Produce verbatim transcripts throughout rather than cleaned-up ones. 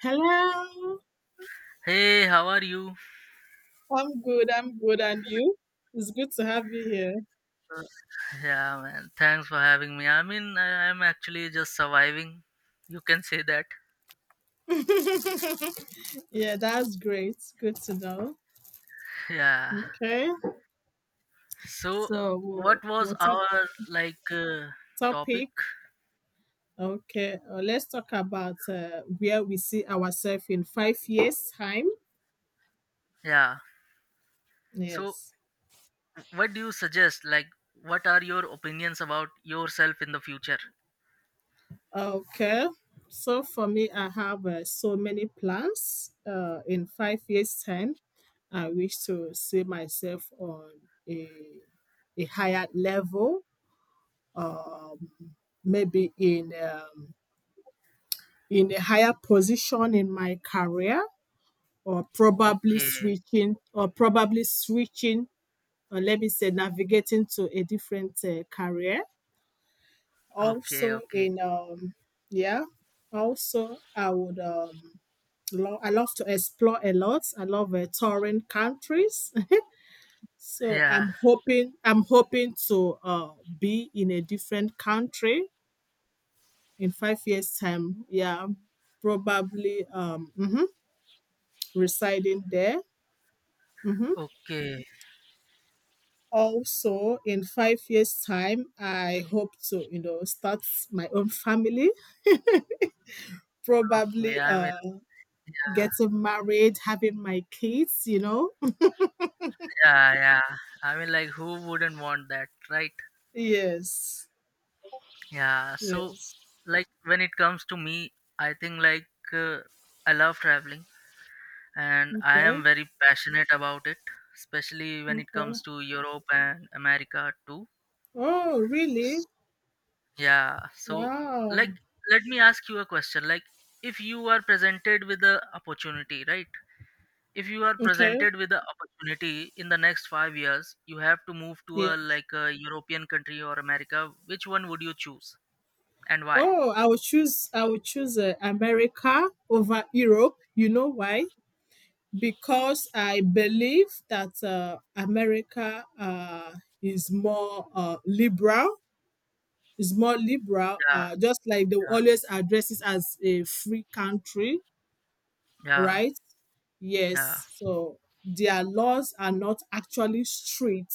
Hello. Hey, how are you? I'm good. I'm good. And you? It's good to have you here. Uh, yeah, man. Thanks for having me. I mean, I, I'm actually just surviving. You can say that. Yeah, that's great. Good to know. Yeah. Okay. So, So what we'll, was we'll talk our like uh, topic? topic. Okay. Uh, let's talk about uh, where we see ourselves in five years time. Yeah. So, Yes. what do you suggest? Like, what are your opinions about yourself in the future? Okay. So for me, I have uh, so many plans. Uh, in five years time, I wish to see myself on a a higher level, um, maybe in um, in a higher position in my career, or probably Okay. switching or probably switching or let me say navigating to a different uh, career, Okay. also Okay. in um yeah. Also I would um lo- I love to explore a lot. I love uh, touring countries. So Yeah. i'm hoping i'm hoping to uh, be in a different country in five years time, yeah, probably um mhm, residing there. hmm Okay. Also in five years time, I hope to you know start my own family, Okay. probably I mean, uh uh, getting married, having my kids you know yeah, yeah. I mean, like, who wouldn't want that, right? Yes. Yeah, so Yes. like when it comes to me, I think like uh, I love traveling and I Okay, am very passionate about it, especially when it okay. comes to Europe and America too. Oh, really? Yeah, so Wow. like let me ask you a question. Like if you are presented with the opportunity, right? If you are Okay. presented with the opportunity in the next five years, you have to move to a Yes. like a European country or America. Which one would you choose and why? Oh, I would choose, I would choose uh, America over Europe. You know why? Because I believe that uh, America uh, is more uh, liberal. Is more liberal, Yeah, uh, just like they yeah, always address it as a free country, yeah, right? yeah. Yes. So their laws are not actually strict,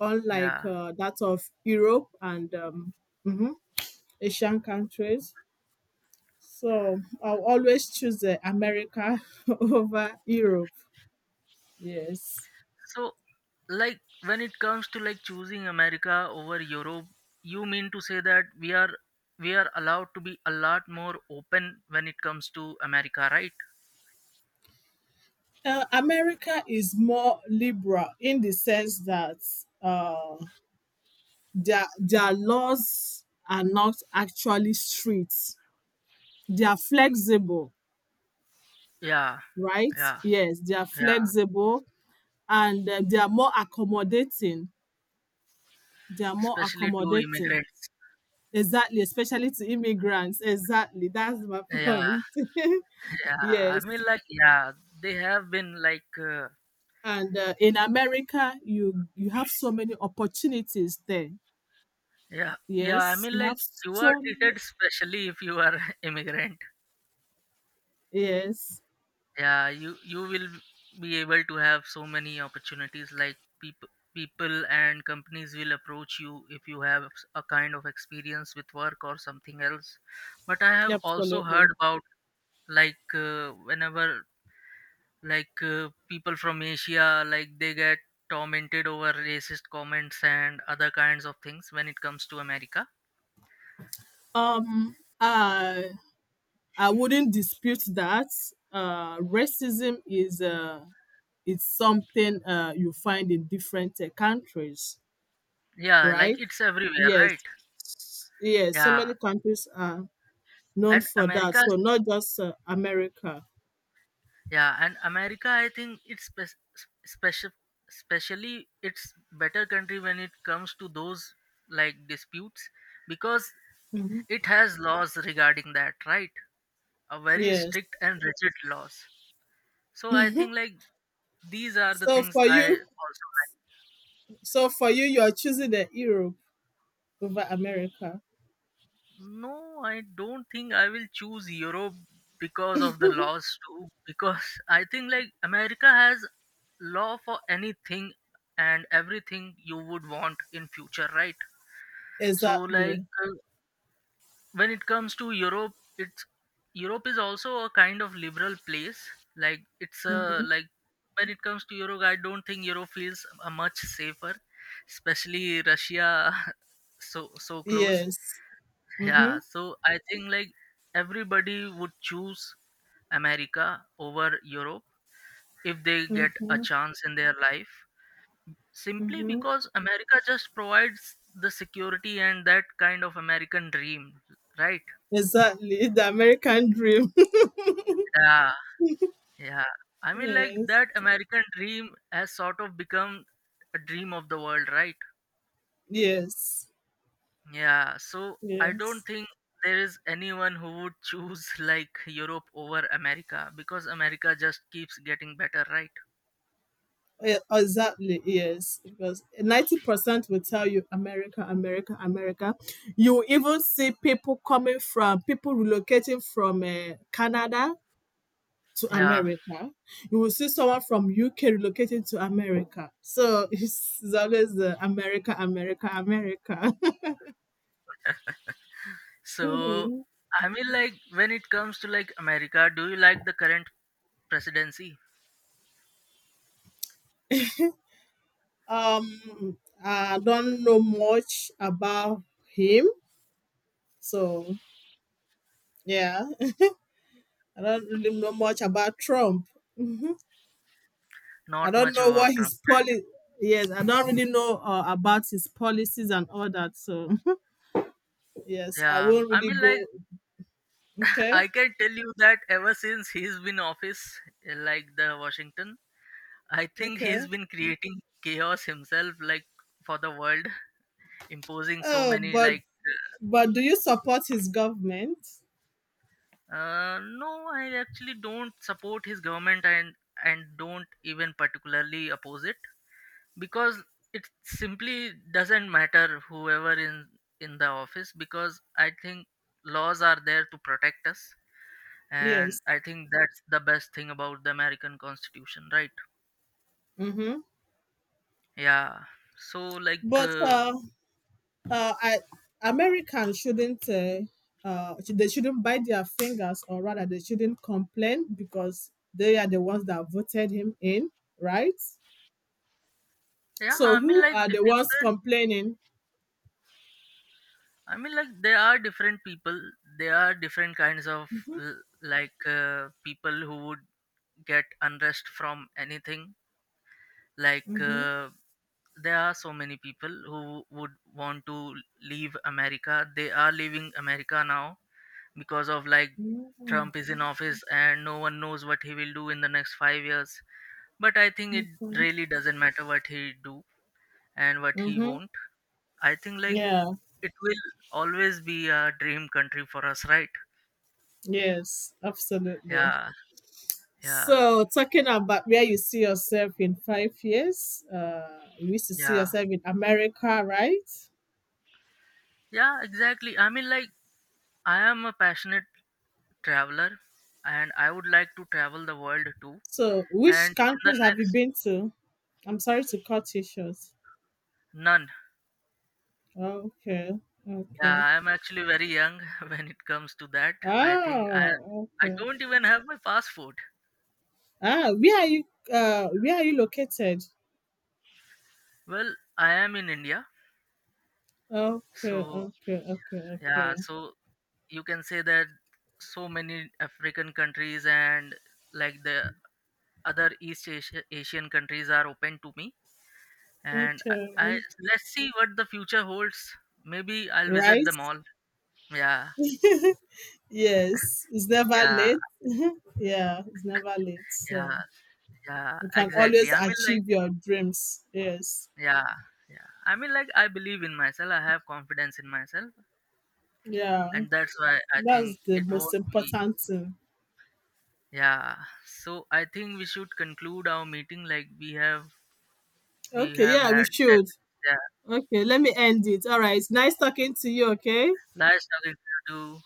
unlike Yeah. uh, that of Europe and um, mhm, Asian countries. So I'll always choose uh, America over Europe. Yes. So, like, when it comes to like choosing America over Europe, you mean to say that we are we are allowed to be a lot more open when it comes to America, right? Uh, America is more liberal in the sense that uh, their their laws are not actually strict. They are flexible, Yeah. right? Yeah. Yes, they are Yeah. flexible, and uh, they are more accommodating. They are more Especially to accommodating. immigrants. Exactly, especially to immigrants. Exactly, that's my Yeah. point. Yeah. I Yes, mean, like, yeah, they have been like, uh, and uh, in America, you you have so many opportunities there. yeah, yeah. I Yes, mean, you like, have you are so many. treated specially if you are immigrant. Yes, Yeah, you you will be able to have so many opportunities like people people and companies will approach you if you have a kind of experience with work or something else, but I have also absolutely. heard about like uh, whenever like uh, people from Asia, like they get tormented over racist comments and other kinds of things when it comes to America. Um, I I wouldn't dispute that. Uh, racism is uh it's something uh you find in different uh, countries, Yeah, like right? it's everywhere, Yes, right? yes. So yeah many countries are known and for that. america So not just uh, America. Yeah, and America, I think it's spec- special, especially it's better country when it comes to those like disputes because Hmm. it has laws regarding that, right? A very Yes. strict and rigid laws. So I Mhm. think like these are the So things for I you, also. so for you, you are choosing the Europe over America. No, I don't think I will choose Europe because of the laws too. Because I think like America has law for anything and everything you would want in future, right? So like Exactly. uh, when it comes to Europe, it's Europe is also a kind of liberal place. Like it's a Hmm. like when it comes to Europe, I don't think Europe feels uh, much safer, especially Russia so so close. Yes. Mm-hmm. Yeah, so I think like everybody would choose America over Europe if they get a Mm-hmm. chance in their life, simply because America just provides the security and that kind of American dream, right? Exactly. The American dream. Yeah, yeah. I mean, like Yes. that American dream has sort of become a dream of the world, right? Yes. Yeah, so I don't Yes. think there is anyone who would choose like Europe over America because America just keeps getting better, right? Yeah, exactly. Yes. Because ninety percent will tell you America, America, America. You even see people coming from, people relocating from uh, Canada to Yeah. America. You will see someone from U K relocating to America. So it's, it's always the America, America, America. So Mhm. I mean like when it comes to like America, do you like the current presidency? Um, I don't know much about him. So, yeah, I don't really know much about Trump. I Not don't much know what about Trump, his right? policy. Yes, I don't really know uh, about his policies and all that. So yes, I Yeah, um, won't I really mean go. like Okay, I can tell you that ever since he's been office uh, like the Washington, I think he's okay. been creating chaos himself like for the world, imposing so Oh, many but like. but do you support his government? Uh, no, I actually don't support his government and and don't even particularly oppose it because it simply doesn't matter whoever in in the office because I think laws are there to protect us, and Yes. I think that's the best thing about the American Constitution, right? Mm-hmm. Yeah. So like But uh, uh, uh, I, Americans shouldn't. Uh, uh, sh- they shouldn't bite their fingers, or rather, they shouldn't complain because they are the ones that voted him in, right? yeah, So I mean who like are d- the ones different. complaining? I mean, like there are different people. There are different kinds of Mhm, l- like uh, people who would get unrest from anything. Like mhm, uh, there are so many people who would want to leave America. They are leaving America now because of like mhm, Trump is in office and no one knows what he will do in the next five years. But I think it mhm, really doesn't matter what he do and what he mhm. won't. I think like Yeah. it will always be a dream country for us, right? Yes, absolutely. Yeah, yeah, So talking about where you see yourself in five years, uh, you wish to see yeah, yourself in America, right? yeah, exactly. I mean, like, I am a passionate traveler and I would like to travel the world too. So And which in the countries have you next, been to? I'm sorry to cut you short. none. Okay, okay. Yeah, I am actually very young when it comes to that. I think I, Oh, I okay. don't even have my passport. Ah, where are you? Uh, where are you located? Well, I am in India, Okay, so okay, okay, yeah, okay. so you can say that so many African countries and like the other East Asia- Asian countries are open to me. And I, I Okay. let's see what the future holds. Maybe I'll visit Right? them all. Yeah, Yes. It's never yeah, late. Yeah, it's never late. So yeah, yeah. you can always Exactly. I mean, like, achieve your dreams. Yes. yeah, yeah. I mean, like, I believe in myself. I have confidence in myself, Yeah. and that's why I That's think the it most won't be. important thing. Yeah. So I think we should conclude our meeting. Like we have, we Okay, have yeah, we had. ten should. minutes. Yeah. Okay, let me end it. All right. Nice talking to you, okay? Nice talking to you.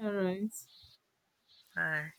All right. Bye.